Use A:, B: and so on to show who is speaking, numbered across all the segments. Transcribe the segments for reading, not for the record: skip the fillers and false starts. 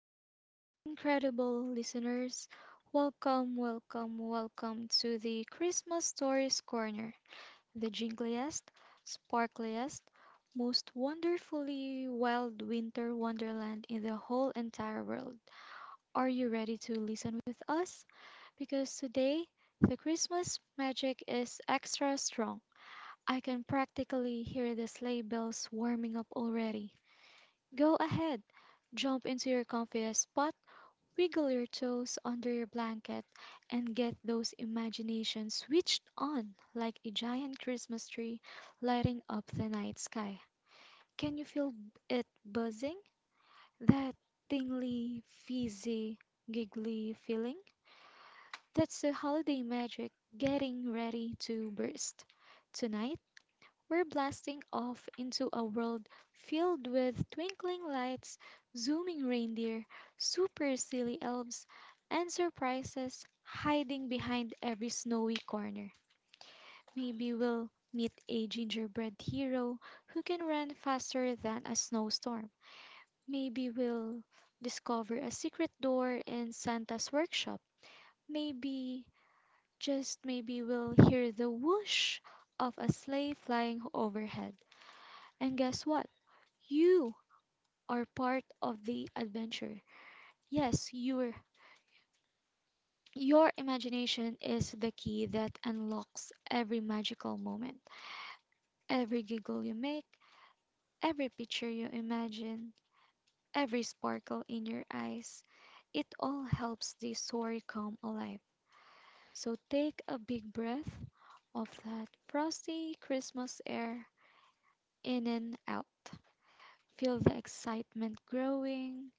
A: Hello, incredible listeners. Welcome, welcome, welcome to the Christmas Stories Corner, the jingliest, sparkliest, most wonderfully wild winter wonderland in the whole entire world. Are you ready to listen with us? Because today, the Christmas magic is extra strong. I can practically hear the sleigh bells warming up already. Go ahead, jump into your comfiest spot. Wiggle your toes under your blanket and get those imaginations switched on like a giant Christmas tree lighting up the night sky. Can you feel it buzzing? That tingly, fizzy, giggly feeling? That's the holiday magic getting ready to burst. Tonight, we're blasting off into a world filled with twinkling lights, zooming reindeer, super silly elves, and surprises hiding behind every snowy corner. Maybe we'll meet a gingerbread hero who can run faster than a snowstorm. Maybe we'll discover a secret door in Santa's workshop. Maybe, just maybe, we'll hear the whoosh of a sleigh flying overhead. And guess what? You are part of the adventure. Yes, your imagination is the key that unlocks every magical moment. Every giggle you make, every picture you imagine, every sparkle in your eyes. It all helps the story come alive. So take a big breath of that frosty Christmas air, in and out. Feel the excitement growing,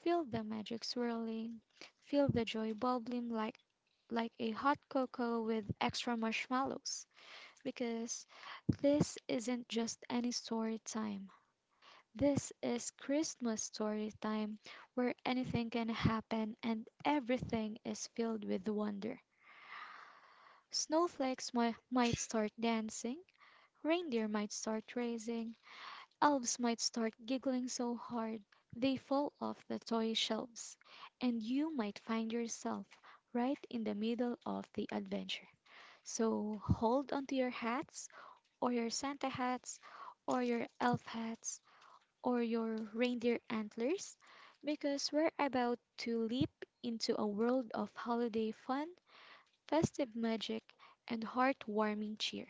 A: feel the magic swirling, feel the joy bubbling like a hot cocoa with extra marshmallows, because this isn't just any story time. This is Christmas story time, where anything can happen and everything is filled with wonder. Snowflakes might start dancing, reindeer might start racing, elves might start giggling so hard they fall off the toy shelves, and you might find yourself right in the middle of the adventure. So hold onto your hats, or your Santa hats, or your elf hats, or your reindeer antlers, because we're about to leap into a world of holiday fun, festive magic, and heartwarming cheer.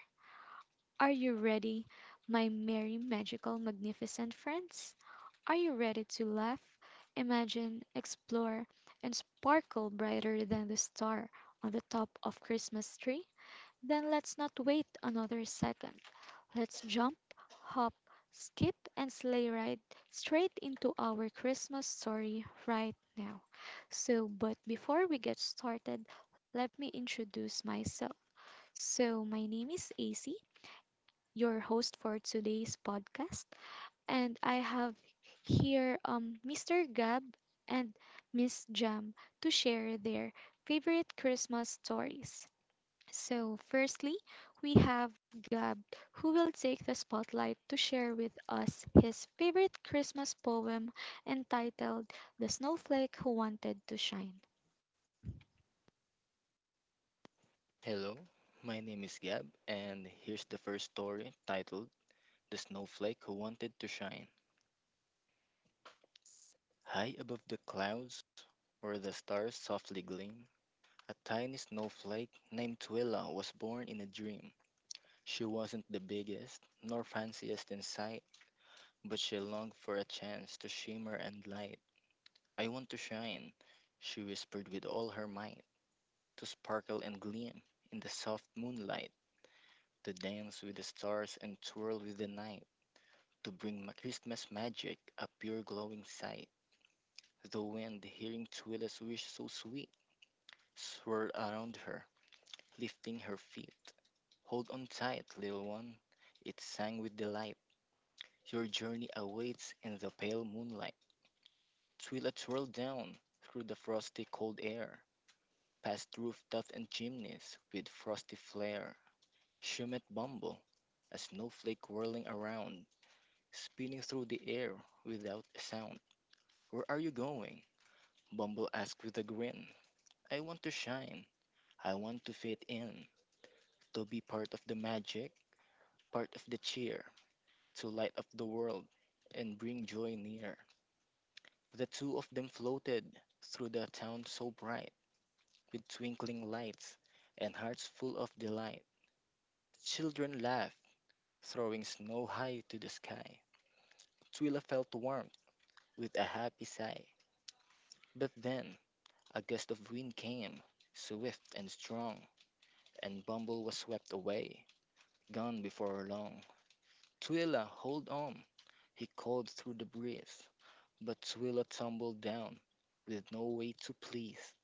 A: Are you ready, my merry, magical, magnificent friends? Are you ready to laugh, imagine, explore, and sparkle brighter than the star on the top of Christmas tree? Then let's not wait another second. Let's jump, hop, skip, and sleigh ride straight into our Christmas story right now. So, but before we get started, let me introduce myself. So, my name is AC, your host for today's podcast, and I have here Mr. Gab and Miss Jam to share their favorite Christmas stories. So, firstly, we have Gab who will take the spotlight to share with us his favorite Christmas poem entitled The Snowflake Who Wanted to Shine.
B: Hello, my name is Gab, and here's the first story titled The Snowflake Who Wanted to Shine. High above the clouds, where the stars softly gleam, a tiny snowflake named Twila was born in a dream. She wasn't the biggest, nor fanciest in sight, but she longed for a chance to shimmer and light. I want to shine, she whispered with all her might, to sparkle and gleam in the soft moonlight, to dance with the stars and twirl with the night. To bring my Christmas magic, a pure glowing sight. The wind, hearing Twilla's wish so sweet, swirled around her, lifting her feet. Hold on tight, little one, it sang with delight. Your journey awaits in the pale moonlight. Twila twirled down through the frosty cold air, past rooftops and chimneys with frosty flare. She met Bumble, a snowflake whirling around, spinning through the air without a sound. Where are you going? Bumble asked with a grin. I want to shine. I want to fit in, to be part of the magic, part of the cheer, to light up the world and bring joy near. The two of them floated through the town so bright, with twinkling lights and hearts full of delight. Children laughed, throwing snow high to the sky. Twila felt warmth with a happy sigh. But then a gust of wind came, swift and strong, and Bumble was swept away. Gone before long. Twyla, hold on! He called through the breeze. But Twyla tumbled down, with no way to please.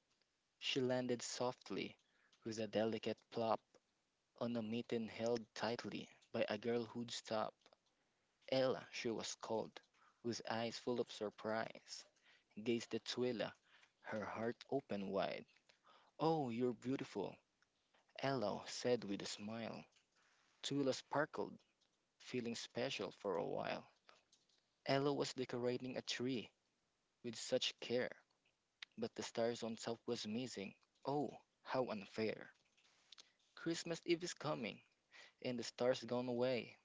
B: She landed softly, with a delicate plop, on a mitten held tightly by a girl who'd stop. Ella, she was called, with eyes full of surprise. Gazed at Twyla, her heart open wide. Oh, you're beautiful, Ella said with a smile. Twyla sparkled, feeling special for a while. Ella was decorating a tree with such care, but the stars on top was missing. Oh, how unfair. Christmas Eve is coming, and the stars gone away.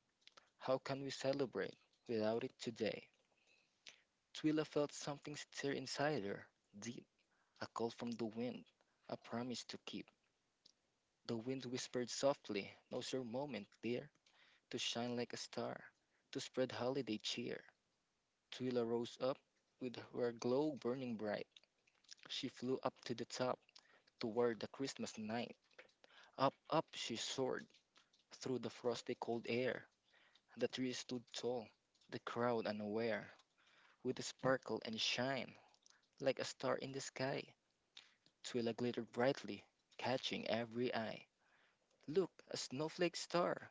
B: How can we celebrate without it today? Twila felt something stir inside her, deep, a call from the wind, a promise to keep. The wind whispered softly, Now's your moment, dear, to shine like a star, to spread holiday cheer. Twila rose up with her glow burning bright. She flew up to the top, toward the Christmas night. Up, up she soared through the frosty cold air. The tree stood tall, the crowd unaware, with a sparkle and shine like a star in the sky. Twila glittered brightly, catching every eye. Look, a snowflake star!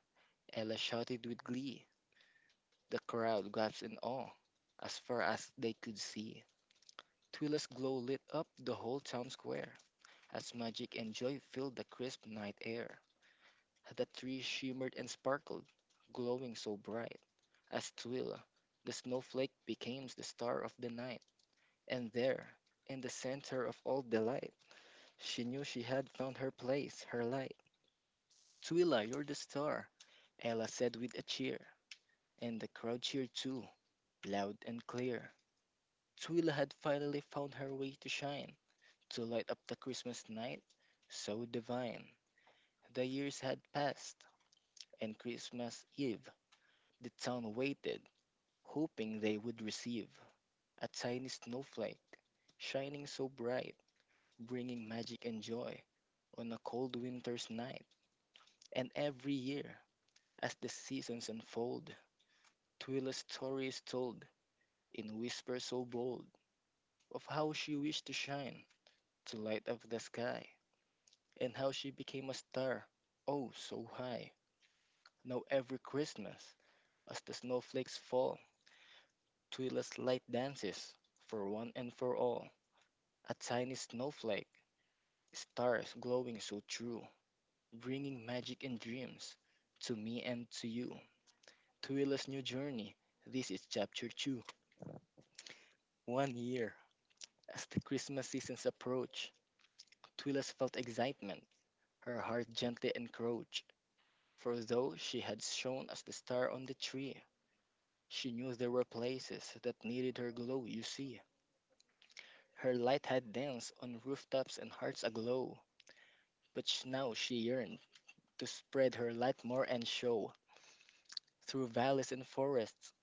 B: Ella shouted with glee. The crowd gasped in awe as far as they could see. Twila's glow lit up the whole town square as magic and joy filled the crisp night air. The tree shimmered and sparkled, glowing so bright. As twill, the snowflake became the star of the night. And there, in the center of all delight, she knew she had found her place, her light. Twila, you're the star, Ella said with a cheer. And the crowd cheered too, loud and clear. Twila had finally found her way to shine, to light up the Christmas night so divine. The years had passed, and Christmas Eve, the town waited hoping they would receive a tiny snowflake, shining so bright, bringing magic and joy on a cold winter's night. And every year, as the seasons unfold, Twilla's story is told in whispers so bold of how she wished to shine to light up the sky, and how she became a star, oh, so high. Now, every Christmas, as the snowflakes fall, Twilla's light dances for one and for all. A tiny snowflake, stars glowing so true, bringing magic and dreams to me and to you. Twila's new journey, this is chapter 2. One year. As the Christmas seasons approached, Twilas felt excitement. Her heart gently encroached, for though she had shone as the star on the tree, she knew there were places that needed her glow, you see. Her light had danced on rooftops and hearts aglow, but now she yearned to spread her light more and show, through valleys and forests,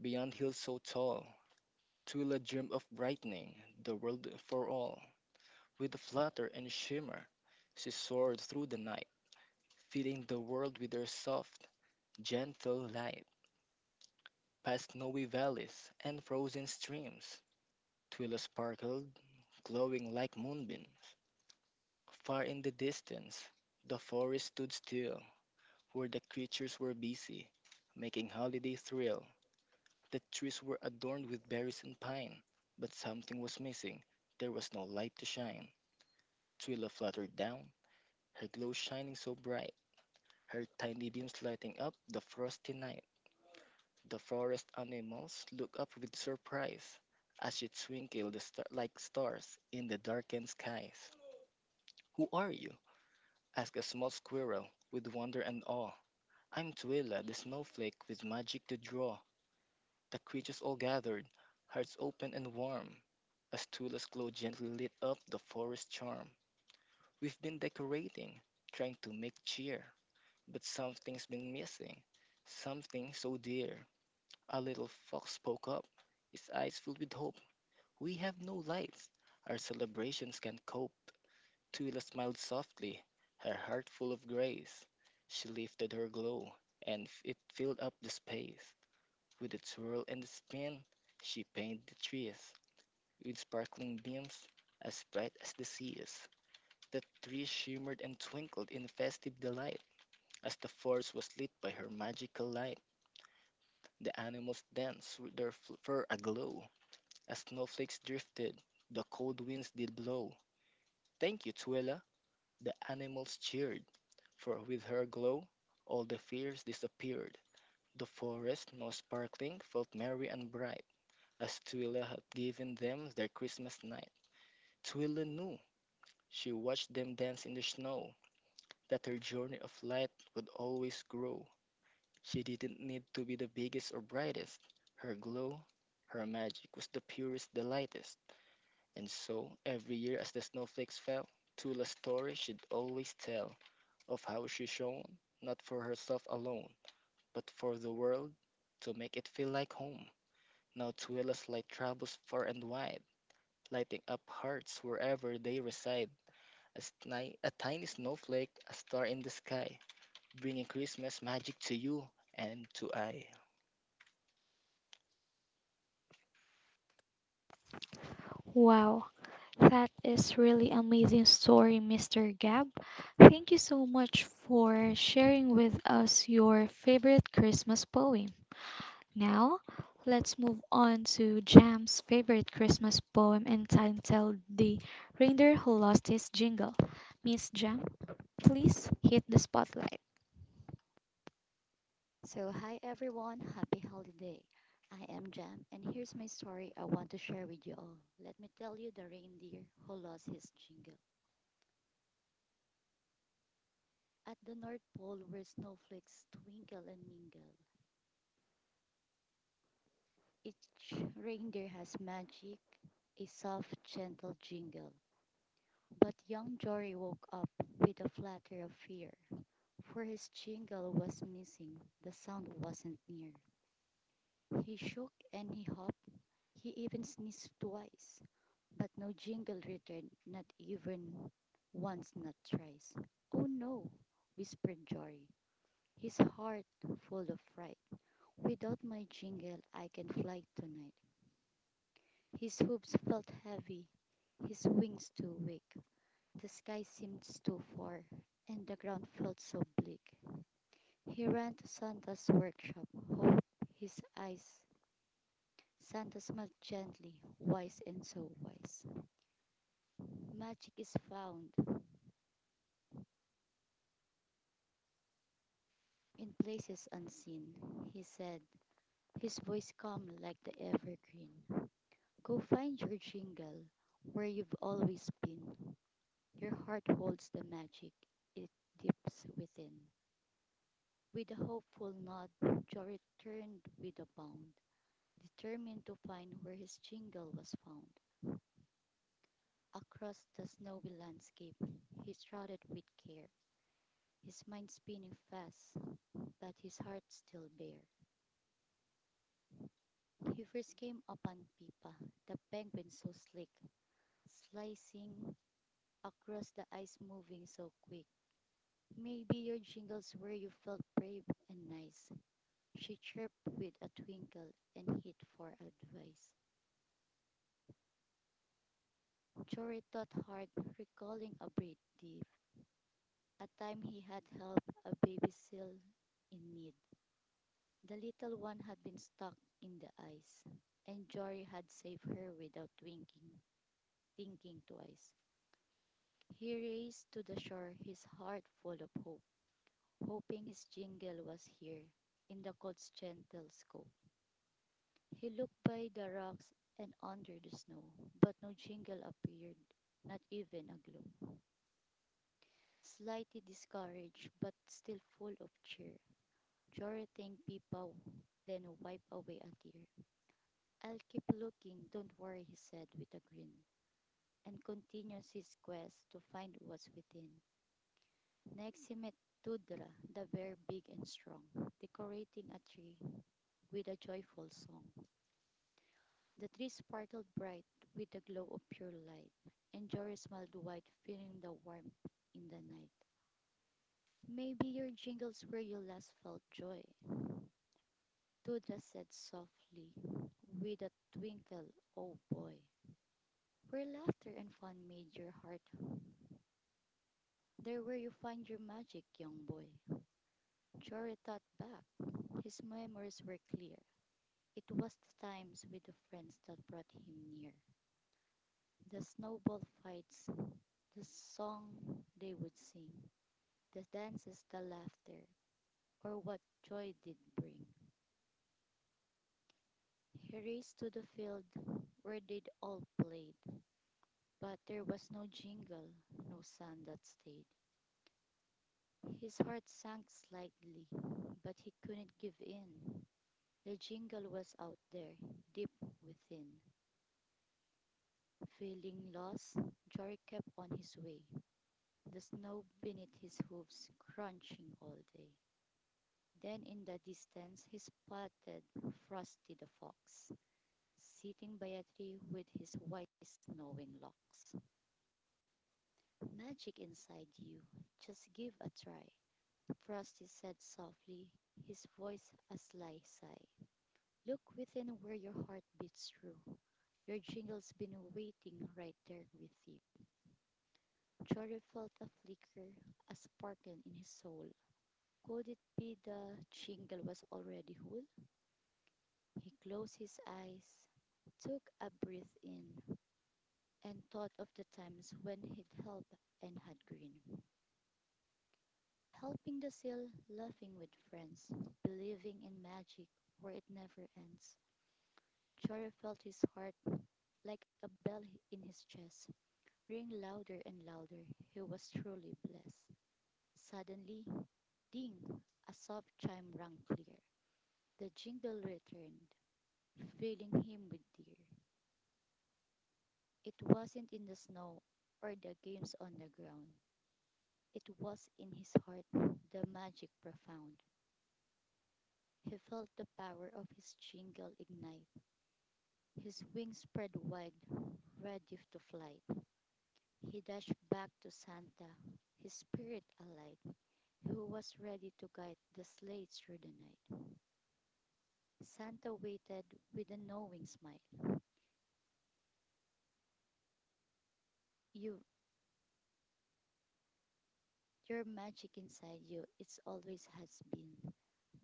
B: beyond hills so tall. Twyla dreamed of brightening the world for all. With a flutter and shimmer, she soared through the night, filling the world with her soft, gentle light. Past snowy valleys and frozen streams, Twyla sparkled, glowing like moonbeams. Far in the distance, the forest stood still, where the creatures were busy, making holiday thrill. The trees were adorned with berries and pine, but something was missing. There was no light to shine. Twila fluttered down, her glow shining so bright, her tiny beams lighting up the frosty night. The forest animals looked up with surprise as she twinkled the like stars in the darkened skies. Who are you? Asked a small squirrel with wonder and awe. I'm Twila, the snowflake with magic to draw. The creatures all gathered, hearts open and warm, as Tula's glow gently lit up the forest charm. We've been decorating, trying to make cheer, but something's been missing, something so dear. A little fox spoke up, his eyes filled with hope. We have no lights, our celebrations can cope. Tula smiled softly, her heart full of grace. She lifted her glow, and it filled up the space. With a twirl and a spin, she painted the trees with sparkling beams, as bright as the seas. The trees shimmered and twinkled in festive delight as the forest was lit by her magical light. The animals danced with their fur aglow as snowflakes drifted. The cold winds did blow. Thank you, Twila. The animals cheered, for with her glow, all the fears disappeared. The forest, now sparkling, felt merry and bright. As Twila had given them their Christmas night, Twila knew, she watched them dance in the snow, that her journey of light would always grow. She didn't need to be the biggest or brightest. Her glow, her magic was the purest, the lightest. And so, every year as the snowflakes fell, Tula's story should always tell of how she shone, not for herself alone, but for the world, to make it feel like home. Now Twila's light travels far and wide, lighting up hearts wherever they reside. A tiny snowflake, a star in the sky, bringing Christmas magic to you and to I.
A: Wow, that is really amazing story, Mr. Gab. Thank you so much for sharing with us your favorite Christmas poem. Now, let's move on to Jam's favorite Christmas poem entitled The Reindeer Who Lost His Jingle. Miss Jam, please hit the spotlight.
C: So, hi everyone, happy holiday. I am Jam, and here's my story I want to share with you all. Let me tell you the reindeer who lost his jingle. At the North Pole, where snowflakes twinkle and mingle, each reindeer has magic, a soft, gentle jingle. But young Jory woke up with a flutter of fear, for his jingle was missing, the sound wasn't near. He shook and he hopped, he even sneezed twice. But no jingle returned, not even once, not thrice. Oh no, whispered Jory, his heart full of fright. Without my jingle, I can fly tonight. His hooves felt heavy, his wings too weak. The sky seemed too far, and the ground felt so bleak. He ran to Santa's workshop, hope his eyes. Santa smiled gently, wise and so wise. Magic is found in places unseen, he said, his voice calm like the evergreen. Go find your jingle, where you've always been. Your heart holds the magic, it dips within. With a hopeful nod, Joe returned with a bound, determined to find where his jingle was found. Across the snowy landscape, he trotted with care, his mind spinning fast, but his heart still bare. He first came upon Pipa, the penguin so slick, slicing across the ice moving so quick. Maybe your jingles where you felt brave and nice. She chirped with a twinkle and hit for advice. Jory thought hard, recalling a brave thief, a time he had helped a baby seal in need. The little one had been stuck in the ice, and Jory had saved her without winking, thinking twice. He raced to the shore, his heart full of hope, hoping his jingle was here in the cold's gentle scope. He looked by the rocks and under the snow, but no jingle appeared, not even a glow. Slightly discouraged, but still full of cheer, Jonathan Pipaw then wiped away a tear. I'll keep looking, don't worry, he said with a grin, and continues his quest to find what's within. Next he met Tudra, the bear big and strong, decorating a tree with a joyful song. The tree sparkled bright with the glow of pure light, and Jory smiled wide, feeling the warmth in the night. Maybe your jingles where you last felt joy, Tudra said softly, with a twinkle, oh boy. Where laughter and fun made your heart, there where you find your magic, young boy. Jory thought back. His memories were clear. It was the times with the friends that brought him near. The snowball fights, the song they would sing, the dances, the laughter, or what joy did bring. He raced to the field where they'd all played, but there was no jingle, no sound that stayed. His heart sank slightly, but he couldn't give in. The jingle was out there, deep within. Feeling lost, Jory kept on his way. The snow beneath his hooves crunching all day. Then in the distance he spotted Frosty the Fox, sitting by a tree with his white snowing locks. Magic inside you, just give a try, Frosty said softly, his voice a sly sigh. Look within where your heart beats true. Your jingle's been waiting right there with you. Jory felt a flicker, a sparkle in his soul. Could it be the shingle was already whole? He closed his eyes, took a breath in, and thought of the times when he'd helped and had grinned. Helping the seal, laughing with friends, believing in magic where it never ends. Choro felt his heart like a bell in his chest ring louder and louder. He was truly blessed. Suddenly, ding! A soft chime rang clear. The jingle returned, filling him with tears. It wasn't in the snow or the games on the ground. It was in his heart, the magic profound. He felt the power of his jingle ignite, his wings spread wide, ready to flight. He dashed back to Santa, his spirit alight, who was ready to guide the sleigh through the night. Santa waited with a knowing smile. You, your magic inside you, it's always has been.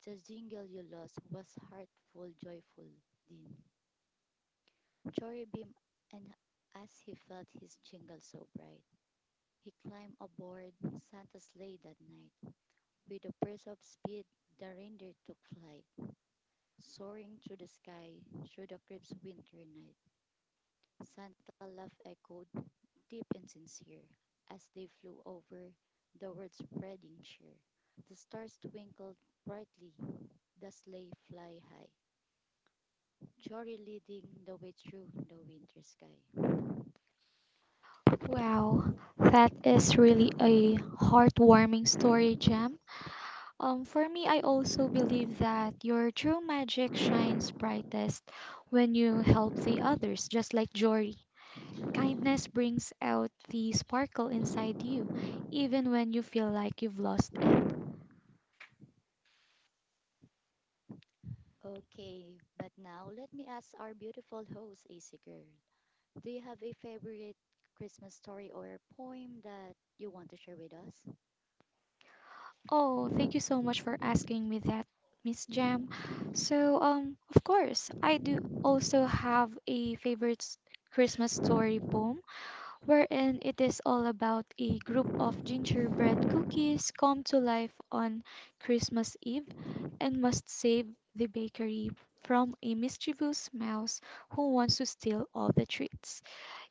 C: The jingle you lost was heartful, joyful, din. Jory beamed, and as he felt his jingle so bright, he climbed aboard Santa's sleigh that night. With a burst of speed, the reindeer took flight, soaring through the sky, through the crisp winter night. Santa laugh echoed deep and sincere as they flew over the world, spreading cheer. The stars twinkled brightly, the sleigh fly high. Jory leading the way through the winter sky.
A: Wow, that is really a heartwarming story, Jam. For me, I also believe that your true magic shines brightest when you help the others, just like Jory. Kindness brings out the sparkle inside you, even when you feel like you've lost it.
C: Okay, but now let me ask our beautiful host, AC Girl. Do you have a favorite Christmas story or poem that you want to share with us?
A: Oh, thank you so much for asking me that, Miss Jam. So, of course, I do also have a favorite Christmas story poem, wherein it is all about a group of gingerbread cookies come to life on Christmas Eve and must save the bakery from a mischievous mouse who wants to steal all the treats.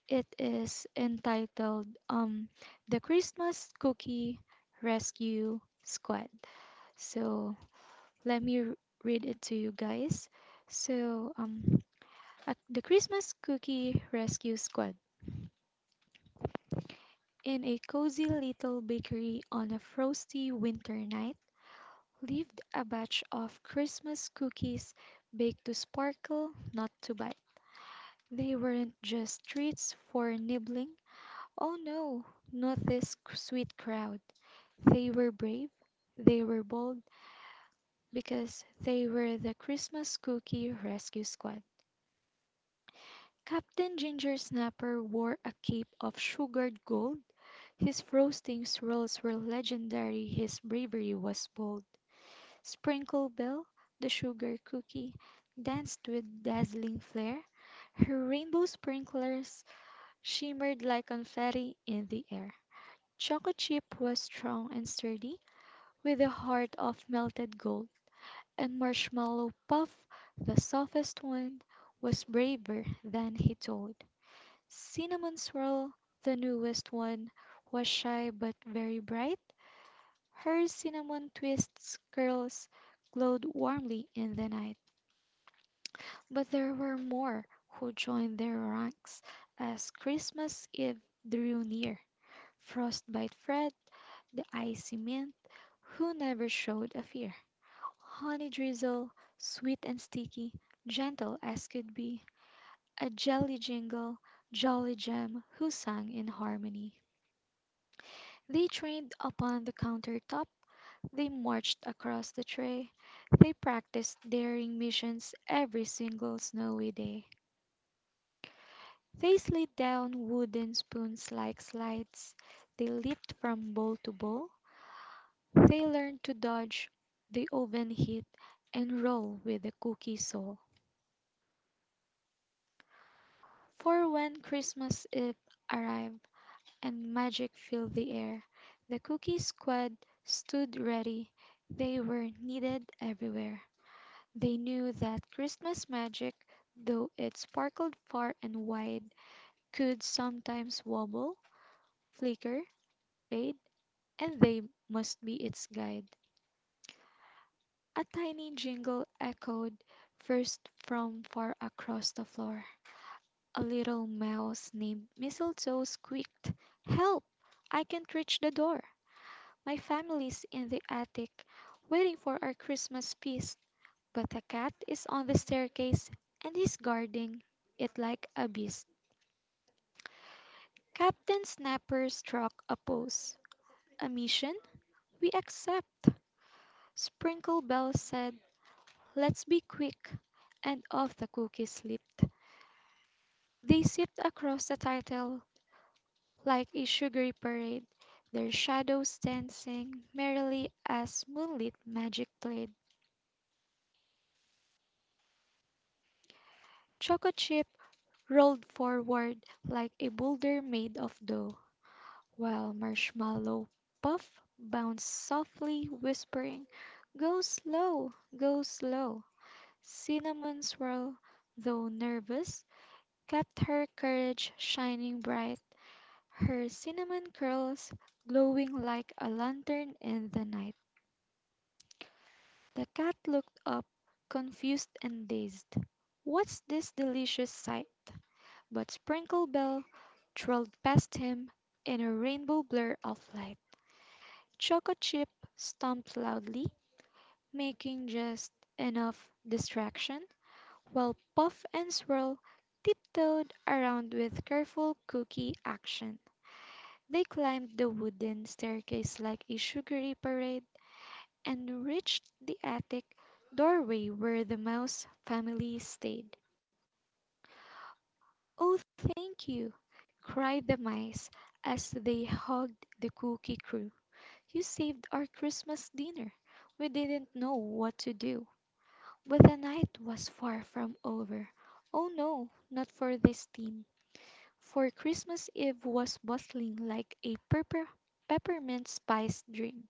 A: It is entitled The Christmas Cookie Rescue Squad. So let me read it to you guys. So, the Christmas Cookie Rescue Squad. In a cozy little bakery on a frosty winter night lived a batch of Christmas cookies baked to sparkle, not to bite. They weren't just treats for nibbling. Oh no, not this sweet crowd. They were brave, they were bold, because they were the Christmas Cookie Rescue Squad. Captain Ginger Snapper wore a cape of sugared gold. His roasting swirls were legendary, his bravery was bold. Sprinkle Belle, the sugar cookie, danced with dazzling flair. Her rainbow sprinklers shimmered like confetti in the air. Choco Chip was strong and sturdy, with a heart of melted gold. And Marshmallow Puff, the softest one, was braver than he told. Cinnamon Swirl, the newest one, was shy but very bright. Her cinnamon twists curls glowed warmly in the night. But there were more who joined their ranks as Christmas Eve drew near. Frostbite Fred, the icy mint, who never showed a fear. Honey Drizzle, sweet and sticky, gentle as could be. A jelly jingle, jolly gem, who sang in harmony. They trained upon the countertop. They marched across the tray. They practiced daring missions every single snowy day. They slid down wooden spoons like slides. They leaped from bowl to bowl. They learned to dodge the oven heat and roll with the cookie sole. For when Christmas Eve arrived and magic filled the air, the cookie squad stood ready. They were needed everywhere. They knew that Christmas magic, though it sparkled far and wide, could sometimes wobble, flicker, fade, and they must be its guide. A tiny jingle echoed first from far across the floor. A little mouse named Mistletoe squeaked, "Help! I can't reach the door. My family's in the attic waiting for our Christmas feast. But a cat is on the staircase and he's guarding it like a beast." Captain Snapper struck a pose. "A mission? We accept." Sprinkle Bell said, "Let's be quick." And off the cookies slipped. They sipped across the title like a sugary parade, their shadows dancing merrily as moonlit magic played. Choco Chip rolled forward like a boulder made of dough, while Marshmallow Puff bounced softly, whispering, "Go slow, go slow." Cinnamon Swirl, though nervous, kept her courage shining bright, her cinnamon curls glowing like a lantern in the night. The cat looked up, confused and dazed. "What's this delicious sight?" But Sprinkle Bell trilled past him in a rainbow blur of light. Choco Chip stomped loudly, making just enough distraction, while Puff and Swirl tiptoed around with careful cookie action. They climbed the wooden staircase like a sugary parade and reached the attic doorway where the Mouse family stayed. "Oh, thank you!" cried the mice as they hugged the Cookie Crew. "You saved our Christmas dinner. We didn't know what to do." But the night was far from over. Oh no, not for this team. For Christmas Eve was bustling like a peppermint spice dream.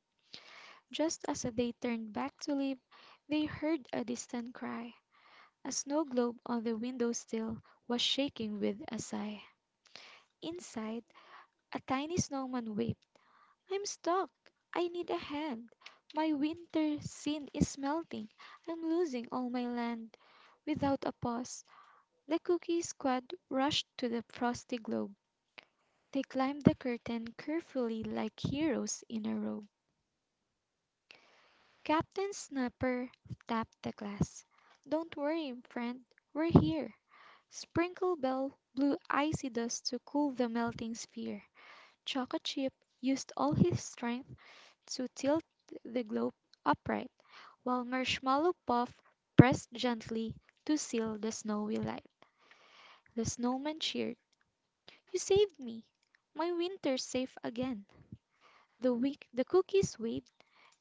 A: Just as they turned back to leave, they heard a distant cry. A snow globe on the window sill was shaking with a sigh. Inside, a tiny snowman waved. "I'm stuck. I need a hand. My winter scene is melting. I'm losing all my land." Without a pause, the Cookie Squad rushed to the frosty globe. They climbed the curtain carefully like heroes in a robe. Captain Snapper tapped the glass. "Don't worry, friend, we're here." Sprinkle Bell blew icy dust to cool the melting sphere. Choco Chip used all his strength to tilt the globe upright, while Marshmallow Puff pressed gently to seal the snowy light. The snowman cheered. "You saved me. My winter's safe again." The week the cookies waved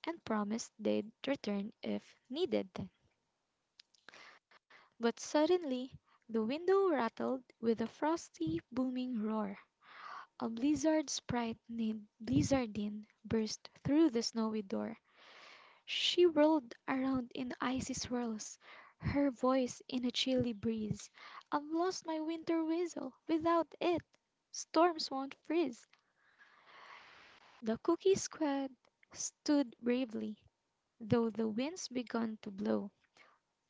A: and promised they'd return if needed then. But suddenly the window rattled with a frosty, booming roar. A blizzard sprite named Blizzardine burst through the snowy door. She whirled around in icy swirls, her voice in a chilly breeze. "I've lost my winter whistle. Without it, storms won't freeze." The cookie squad stood bravely, though the winds began to blow.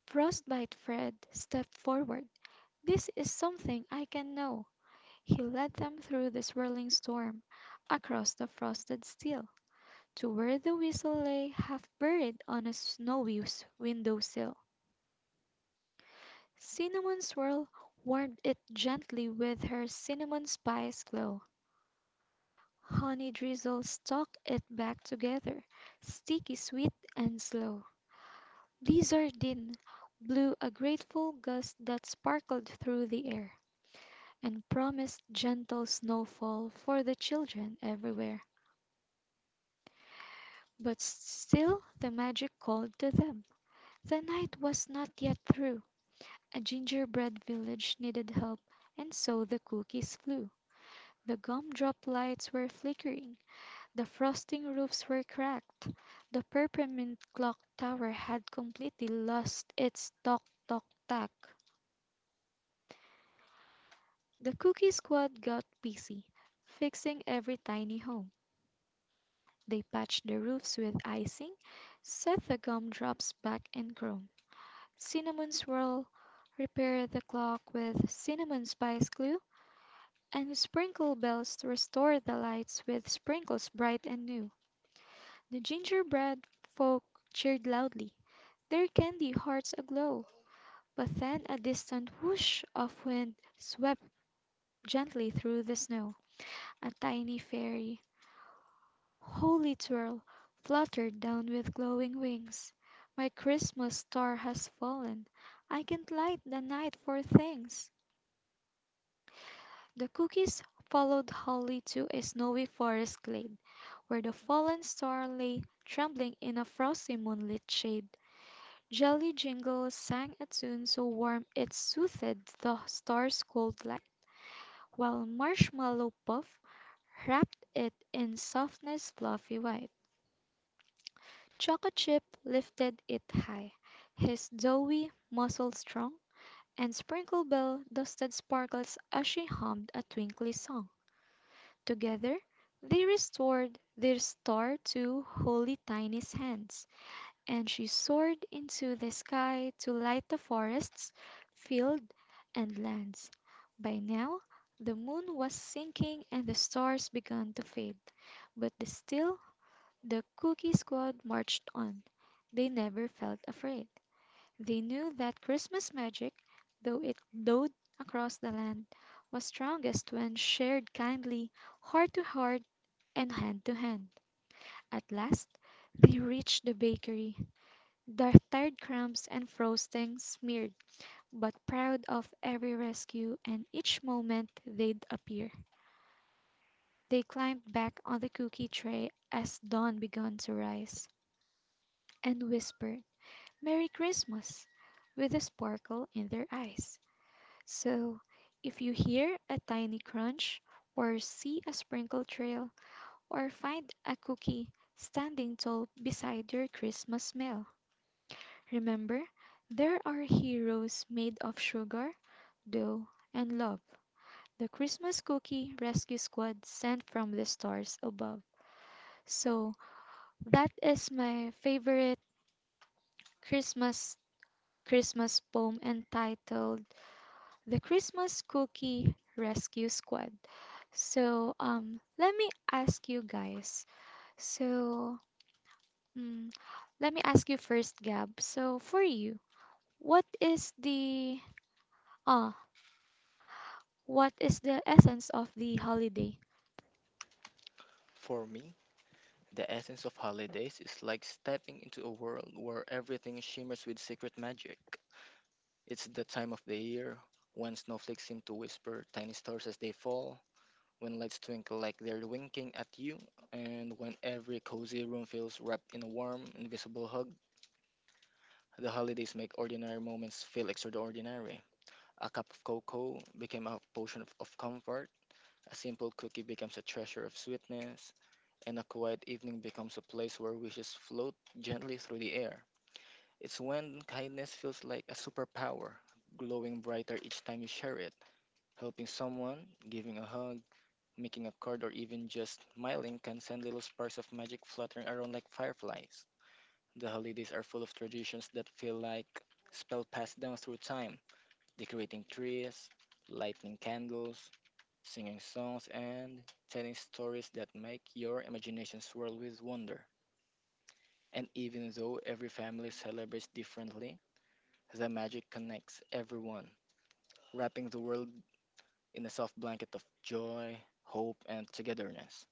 A: Frostbite Fred stepped forward. "This is something I can know." He led them through the swirling storm, across the frosted steel, to where the whistle lay half buried on a snowy window sill. Cinnamon Swirl warmed it gently with her cinnamon spice glow. Honey Drizzle stuck it back together, sticky sweet and slow. Blizzardin blew a grateful gust that sparkled through the air, and promised gentle snowfall for the children everywhere. But still the magic called to them. The night was not yet through. A gingerbread village needed help, and so the cookies flew. The gumdrop lights were flickering, the frosting roofs were cracked, the peppermint clock tower had completely lost its tock tock tack. The Cookie Squad got busy, fixing every tiny home. They patched the roofs with icing, set the gumdrops back in chrome, Cinnamon Swirl repaired the clock with cinnamon spice glue, and Sprinkle Bells restored the lights with sprinkles bright and new. The gingerbread folk cheered loudly, their candy hearts aglow. But then a distant whoosh of wind swept gently through the snow. A tiny fairy, Holy Twirl, fluttered down with glowing wings. "My Christmas star has fallen, I can light the night for things." The cookies followed Holly to a snowy forest glade, where the fallen star lay trembling in a frosty moonlit shade. Jelly Jingle sang a tune so warm it soothed the star's cold light, while Marshmallow Puff wrapped it in softness fluffy white. Chocolate Chip lifted it high, his doughy muscles strong, and Sprinkle Bell dusted Sparkles as she hummed a twinkly song. Together they restored their star to Holy Tiny's hands, and she soared into the sky to light the forests, fields, and lands. By now, the moon was sinking and the stars began to fade, but the Cookie Squad marched on. They never felt afraid. They knew that Christmas magic, though it glowed across the land, was strongest when shared kindly, heart to heart, and hand to hand. At last, they reached the bakery, their tired crumbs and frosting smeared, but proud of every rescue and each moment they'd appear. They climbed back on the cookie tray as dawn began to rise, and whispered, "Merry Christmas," with a sparkle in their eyes. So, if you hear a tiny crunch, or see a sprinkle trail, or find a cookie standing tall beside your Christmas mail, remember there are heroes made of sugar, dough, and love. The Christmas Cookie Rescue Squad sent from the stars above. So, that is my favorite Christmas Christmas poem entitled "The Christmas Cookie Rescue Squad." Let me ask you guys. So, mm, Let me ask you first, Gab. So, for you, what is the ah, what is the essence of the holiday?
B: For me, the essence of holidays is like stepping into a world where everything shimmers with secret magic. It's the time of the year when snowflakes seem to whisper tiny stars as they fall, when lights twinkle like they're winking at you, and when every cozy room feels wrapped in a warm, invisible hug. The holidays make ordinary moments feel extraordinary. A cup of cocoa became a potion of comfort, a simple cookie becomes a treasure of sweetness, and a quiet evening becomes a place where wishes float gently through the air. It's when kindness feels like a superpower, glowing brighter each time you share it. Helping someone, giving a hug, making a card, or even just smiling can send little sparks of magic fluttering around like fireflies. The holidays are full of traditions that feel like spell passed down through time, decorating trees, lighting candles, singing songs, and telling stories that make your imagination swirl with wonder. And even though every family celebrates differently, the magic connects everyone, wrapping the world in a soft blanket of joy, hope, and togetherness.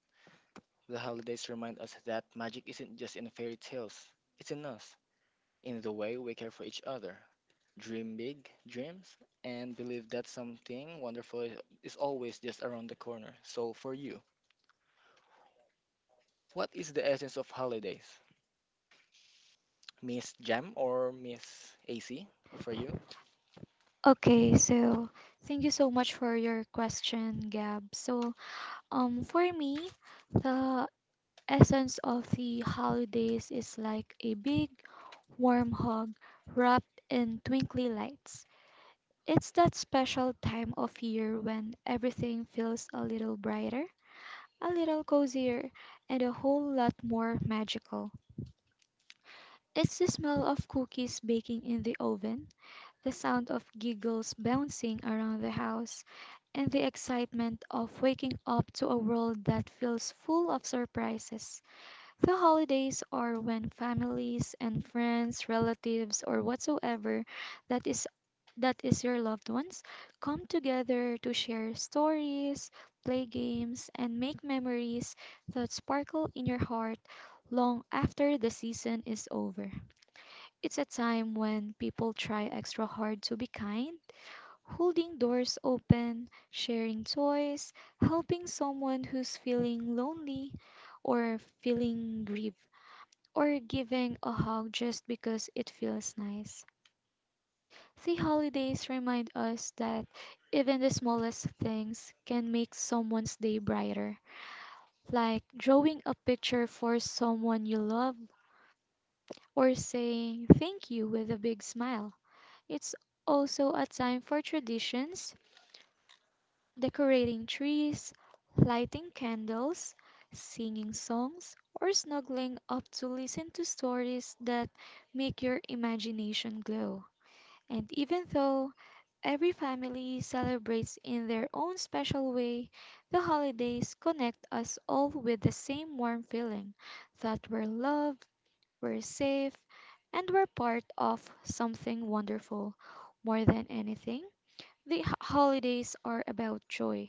B: The holidays remind us that magic isn't just in fairy tales, it's in us, in the way we care for each other. Dream big dreams and believe that something wonderful is always just around the corner. So, for you, what is the essence of holidays? Miss Jam or Miss AC for you?
A: Okay, so thank you so much for your question, Gab. So, for me, the essence of the holidays is like a big warm hug wrapped in twinkly lights. It's that special time of year when everything feels a little brighter, a little cozier, and a whole lot more magical. It's the smell of cookies baking in the oven, the sound of giggles bouncing around the house, and the excitement of waking up to a world that feels full of surprises. The holidays are when families and friends, relatives, or whatsoever that is that is your loved ones come together to share stories, play games, and make memories that sparkle in your heart long after the season is over. It's a time when people try extra hard to be kind, holding doors open, sharing toys, helping someone who's feeling lonely or feeling grief or giving a hug just because it feels nice. The holidays remind us that even the smallest things can make someone's day brighter, like drawing a picture for someone you love or saying thank you with a big smile. It's also a time for traditions, decorating trees, lighting candles, singing songs, or snuggling up to listen to stories that make your imagination glow. And even though every family celebrates in their own special way, the holidays connect us all with the same warm feeling that we're loved, we're safe, and we're part of something wonderful. More than anything, the holidays are about joy.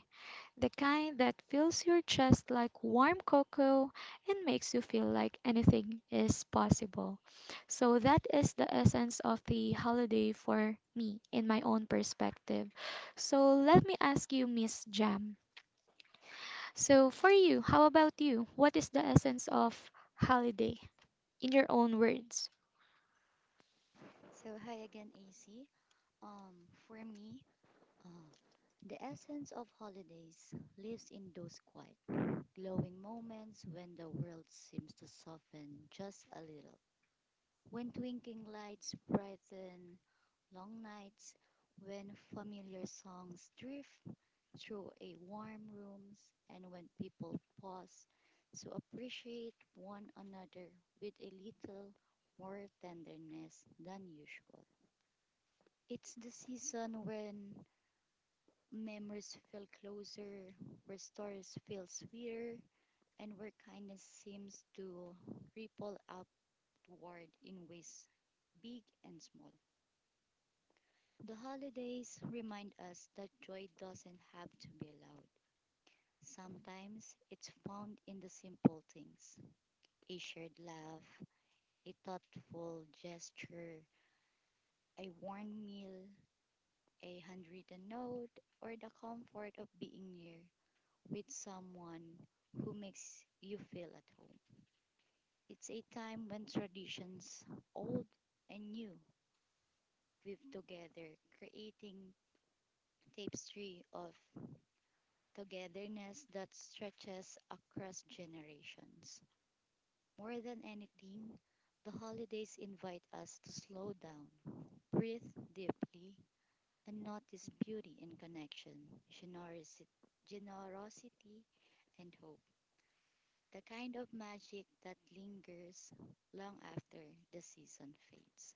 A: The kind that fills your chest like warm cocoa and makes you feel like anything is possible. So that is the essence of the holiday for me in my own perspective. So let me ask you, Miss Jam. So for you, how about you? What is the essence of holiday in your own words?
C: So, hi again, AC. Um, for me, uh, the essence of holidays lives in those quiet, glowing moments when the world seems to soften just a little. When twinkling lights brighten long nights, when familiar songs drift through a warm rooms, and when people pause to appreciate one another with a little more tenderness than usual. It's the season when memories feel closer, where stories feel sweeter, and where kindness seems to ripple upward in ways big and small. The holidays remind us that joy doesn't have to be loud. Sometimes it's found in the simple things: a shared laugh, a thoughtful gesture, a warm meal, a handwritten note, or the comfort of being near with someone who makes you feel at home. It's a time when traditions, old and new, weave together, creating tapestry of togetherness that stretches across generations. More than anything, the holidays invite us to slow down, breathe deeply, and notice beauty in connection, generosi- generosity, and hope. The kind of magic that lingers long after the season fades.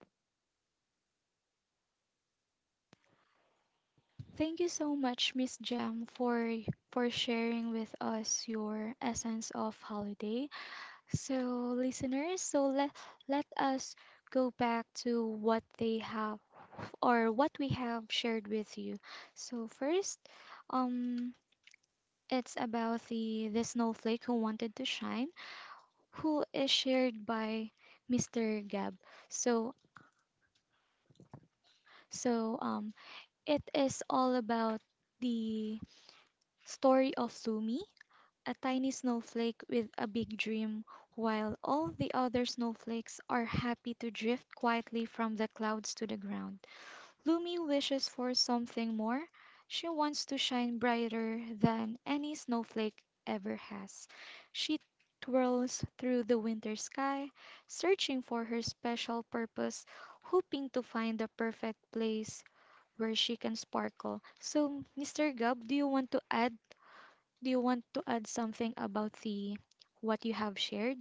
A: Thank you so much, Miss Jam, for sharing with us your essence of holiday. So, listeners, so let us go back to what they have or what we have shared with you. So first, um, it's about the snowflake who wanted to shine, who is shared by Mr. Gab. So so, it is all about the story of Lumi, a tiny snowflake with a big dream, while all the other snowflakes are happy to drift quietly from the clouds to the ground. Lumi wishes for something more. She wants to shine brighter than any snowflake ever has. She twirls through the winter sky, searching for her special purpose, hoping to find the perfect place where she can sparkle. So, Mr. Gubb, do you want to add something about the what you have shared?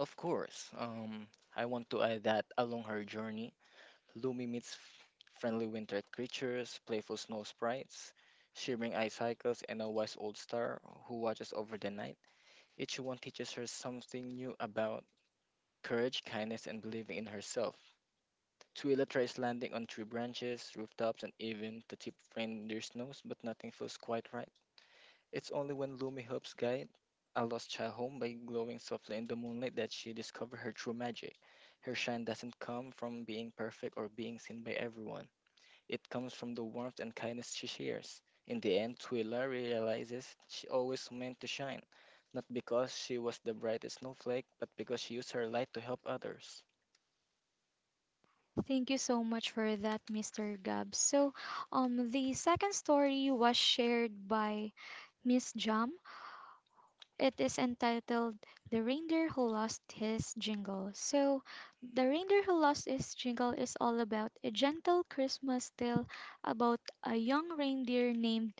B: Of course. I want to add that along her journey, Lumi meets friendly winter creatures, playful snow sprites, shimmering ice cycles, and a wise old star who watches over the night. Each one teaches her something new about courage, kindness, and believing in herself. Twila tries landing on tree branches, rooftops, and even to tip reindeer's nose, but nothing feels quite right. It's only when Lumi helps guide a lost child home by glowing softly in the moonlight that she discovers her true magic. Her shine doesn't come from being perfect or being seen by everyone. It comes from the warmth and kindness she shares. In the end, Twila realizes she always meant to shine, not because she was the brightest snowflake, but because she used her light to help others.
A: Thank you so much for that, Mr. Gab. So, the second story was shared by Miss Jam. It is entitled "The Reindeer Who Lost His Jingle." So, "The Reindeer Who Lost His Jingle" is all about a gentle Christmas tale about a young reindeer named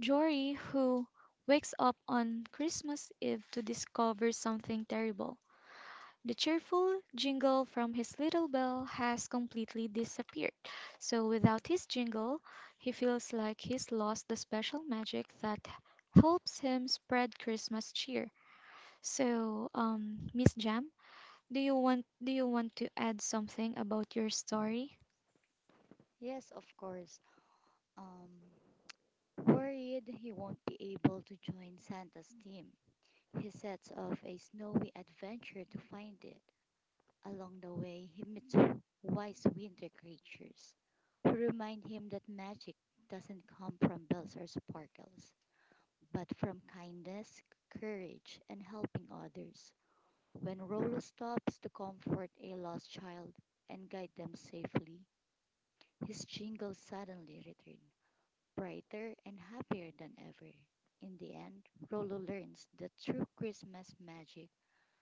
A: Jory who wakes up on Christmas Eve to discover something terrible. The cheerful jingle from his little bell has completely disappeared, so without his jingle, he feels like he's lost the special magic that helps him spread Christmas cheer. So, Miss Jam, do you want to add something about your story?
C: Yes, of course. Um, Worried he won't be able to join Santa's team, he sets off a snowy adventure to find it. Along the way, he meets wise winter creatures who remind him that magic doesn't come from bells or sparkles, but from kindness, courage, and helping others. When Rollo stops to comfort a lost child and guide them safely, his jingle suddenly returns, brighter and happier than ever. In the end, Rollo learns that true Christmas magic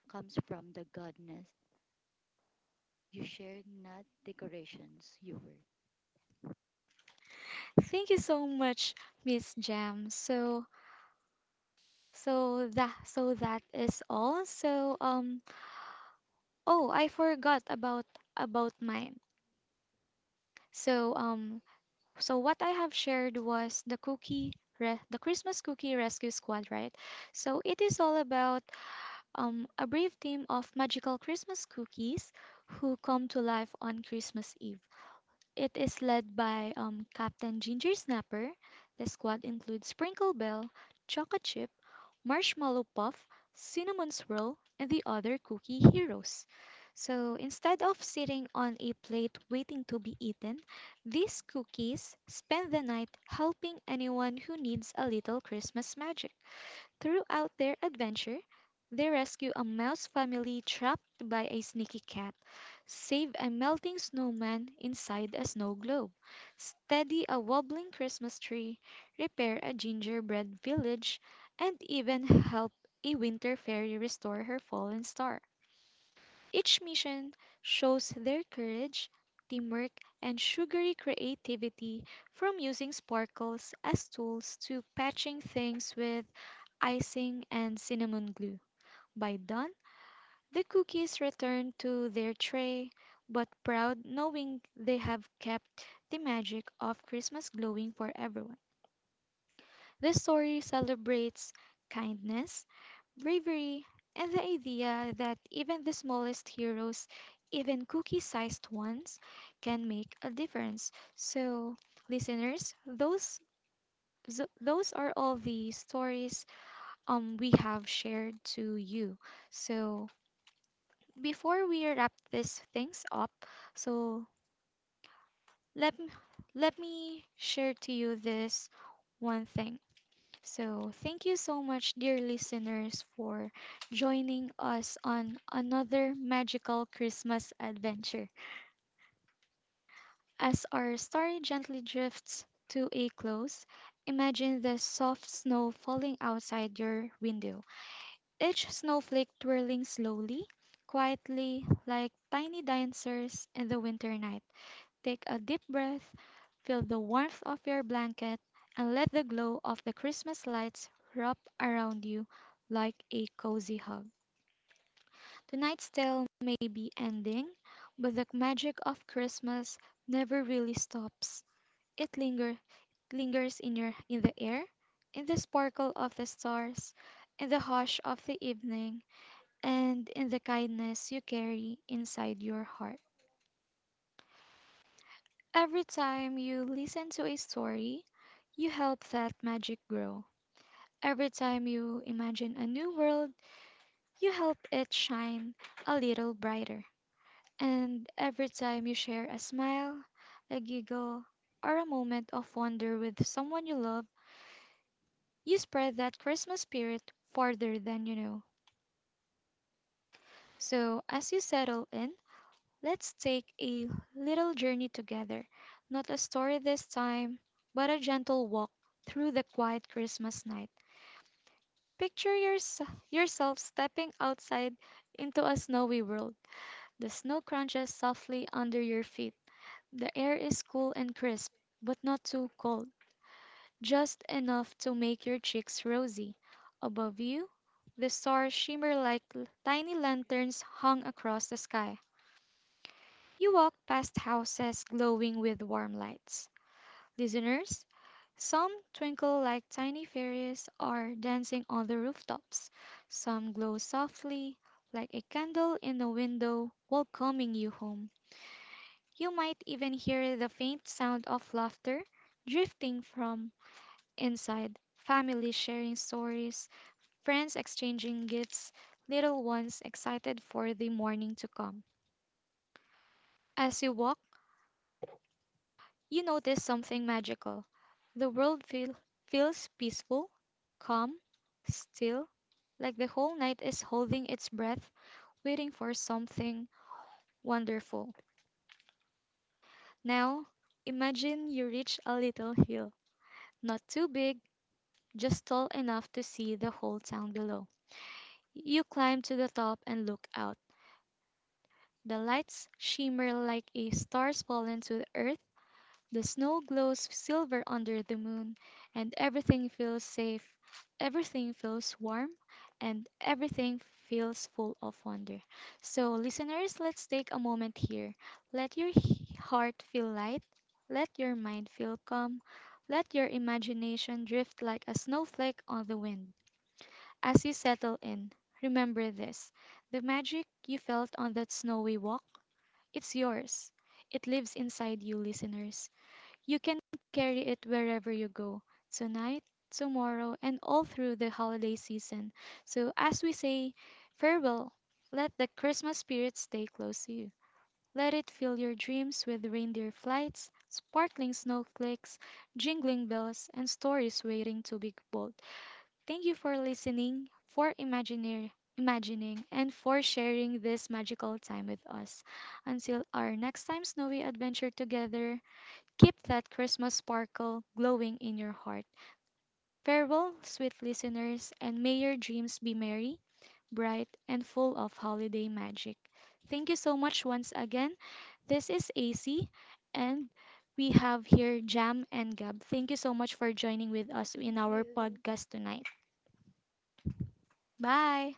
C: comes from the goodness you share, not decorations you wear.
A: Thank you so much, Miss Jam. So that is all. Oh, I forgot about mine. So, um, So what I have shared was the Christmas Cookie Rescue Squad, right? So it is all about a brave team of magical Christmas cookies who come to life on Christmas Eve. It is led by Captain Ginger Snapper. The squad includes Sprinkle Bell, Choco Chip, Marshmallow Puff, Cinnamon Swirl, and the other cookie heroes. So instead of sitting on a plate waiting to be eaten, these cookies spend the night helping anyone who needs a little Christmas magic. Throughout their adventure, they rescue a mouse family trapped by a sneaky cat, save a melting snowman inside a snow globe, steady a wobbling Christmas tree, repair a gingerbread village, and even help a winter fairy restore her fallen star. Each mission shows their courage, teamwork, and sugary creativity from using sparkles as tools to patching things with icing and cinnamon glue. By dawn, the cookies return to their tray, but proud knowing they have kept the magic of Christmas glowing for everyone. This story celebrates kindness, bravery, and the idea that even the smallest heroes, even cookie sized ones, can make a difference. So, listeners, those are all the stories we have shared to you. So, before we wrap these things up, so let m- let me share to you this one thing. So, thank you so much, dear listeners, for joining us on another magical Christmas adventure. As our story gently drifts to a close, imagine the soft snow falling outside your window, each snowflake twirling slowly, quietly, like tiny dancers in the winter night. Take a deep breath, feel the warmth of your blanket, and let the glow of the Christmas lights wrap around you like a cozy hug. Tonight's tale may be ending, but the magic of Christmas never really stops. It lingers, in the air, in the sparkle of the stars, in the hush of the evening, and in the kindness you carry inside your heart. Every time you listen to a story, you help that magic grow. Every time you imagine a new world, you help it shine a little brighter. And every time you share a smile, a giggle, or a moment of wonder with someone you love, you spread that Christmas spirit farther than you know. So, as you settle in, let's take a little journey together. Not a story this time, but a gentle walk through the quiet Christmas night. Picture yourself stepping outside into a snowy world. The snow crunches softly under your feet. The air is cool and crisp, but not too cold, just enough to make your cheeks rosy. Above you, the stars shimmer like tiny lanterns hung across the sky. You walk past houses glowing with warm lights. Listeners, some twinkle like tiny fairies or dancing on the rooftops. Some glow softly like a candle in a window welcoming you home. You might even hear the faint sound of laughter drifting from inside. Families sharing stories, friends exchanging gifts, little ones excited for the morning to come. As you walk, you notice something magical. The feels peaceful, calm, still, like the whole night is holding its breath, waiting for something wonderful. Now, imagine you reach a little hill, not too big, just tall enough to see the whole town below. You climb to the top and look out. The lights shimmer like a stars fallen to the earth. The snow glows silver under the moon, and everything feels safe, everything feels warm, and everything feels full of wonder. So, listeners, let's take a moment here. Let your heart feel light, let your mind feel calm, let your imagination drift like a snowflake on the wind. As you settle in, remember this: the magic you felt on that snowy walk, it's yours. It lives inside you, listeners. You can carry it wherever you go, tonight, tomorrow, and all through the holiday season. So, as we say farewell, let the Christmas spirit stay close to you. Let it fill your dreams with reindeer flights, sparkling snowflakes, jingling bells, and stories waiting to be told. Thank you for listening, for imagining, and for sharing this magical time with us. Until our next time, snowy adventure together, keep that Christmas sparkle glowing in your heart. Farewell, sweet listeners, and may your dreams be merry, bright, and full of holiday magic. Thank you so much once again. This is AC, and we have here Jam and Gab. Thank you so much for joining with us
C: Thank
A: in our
C: you.
A: podcast tonight. Bye.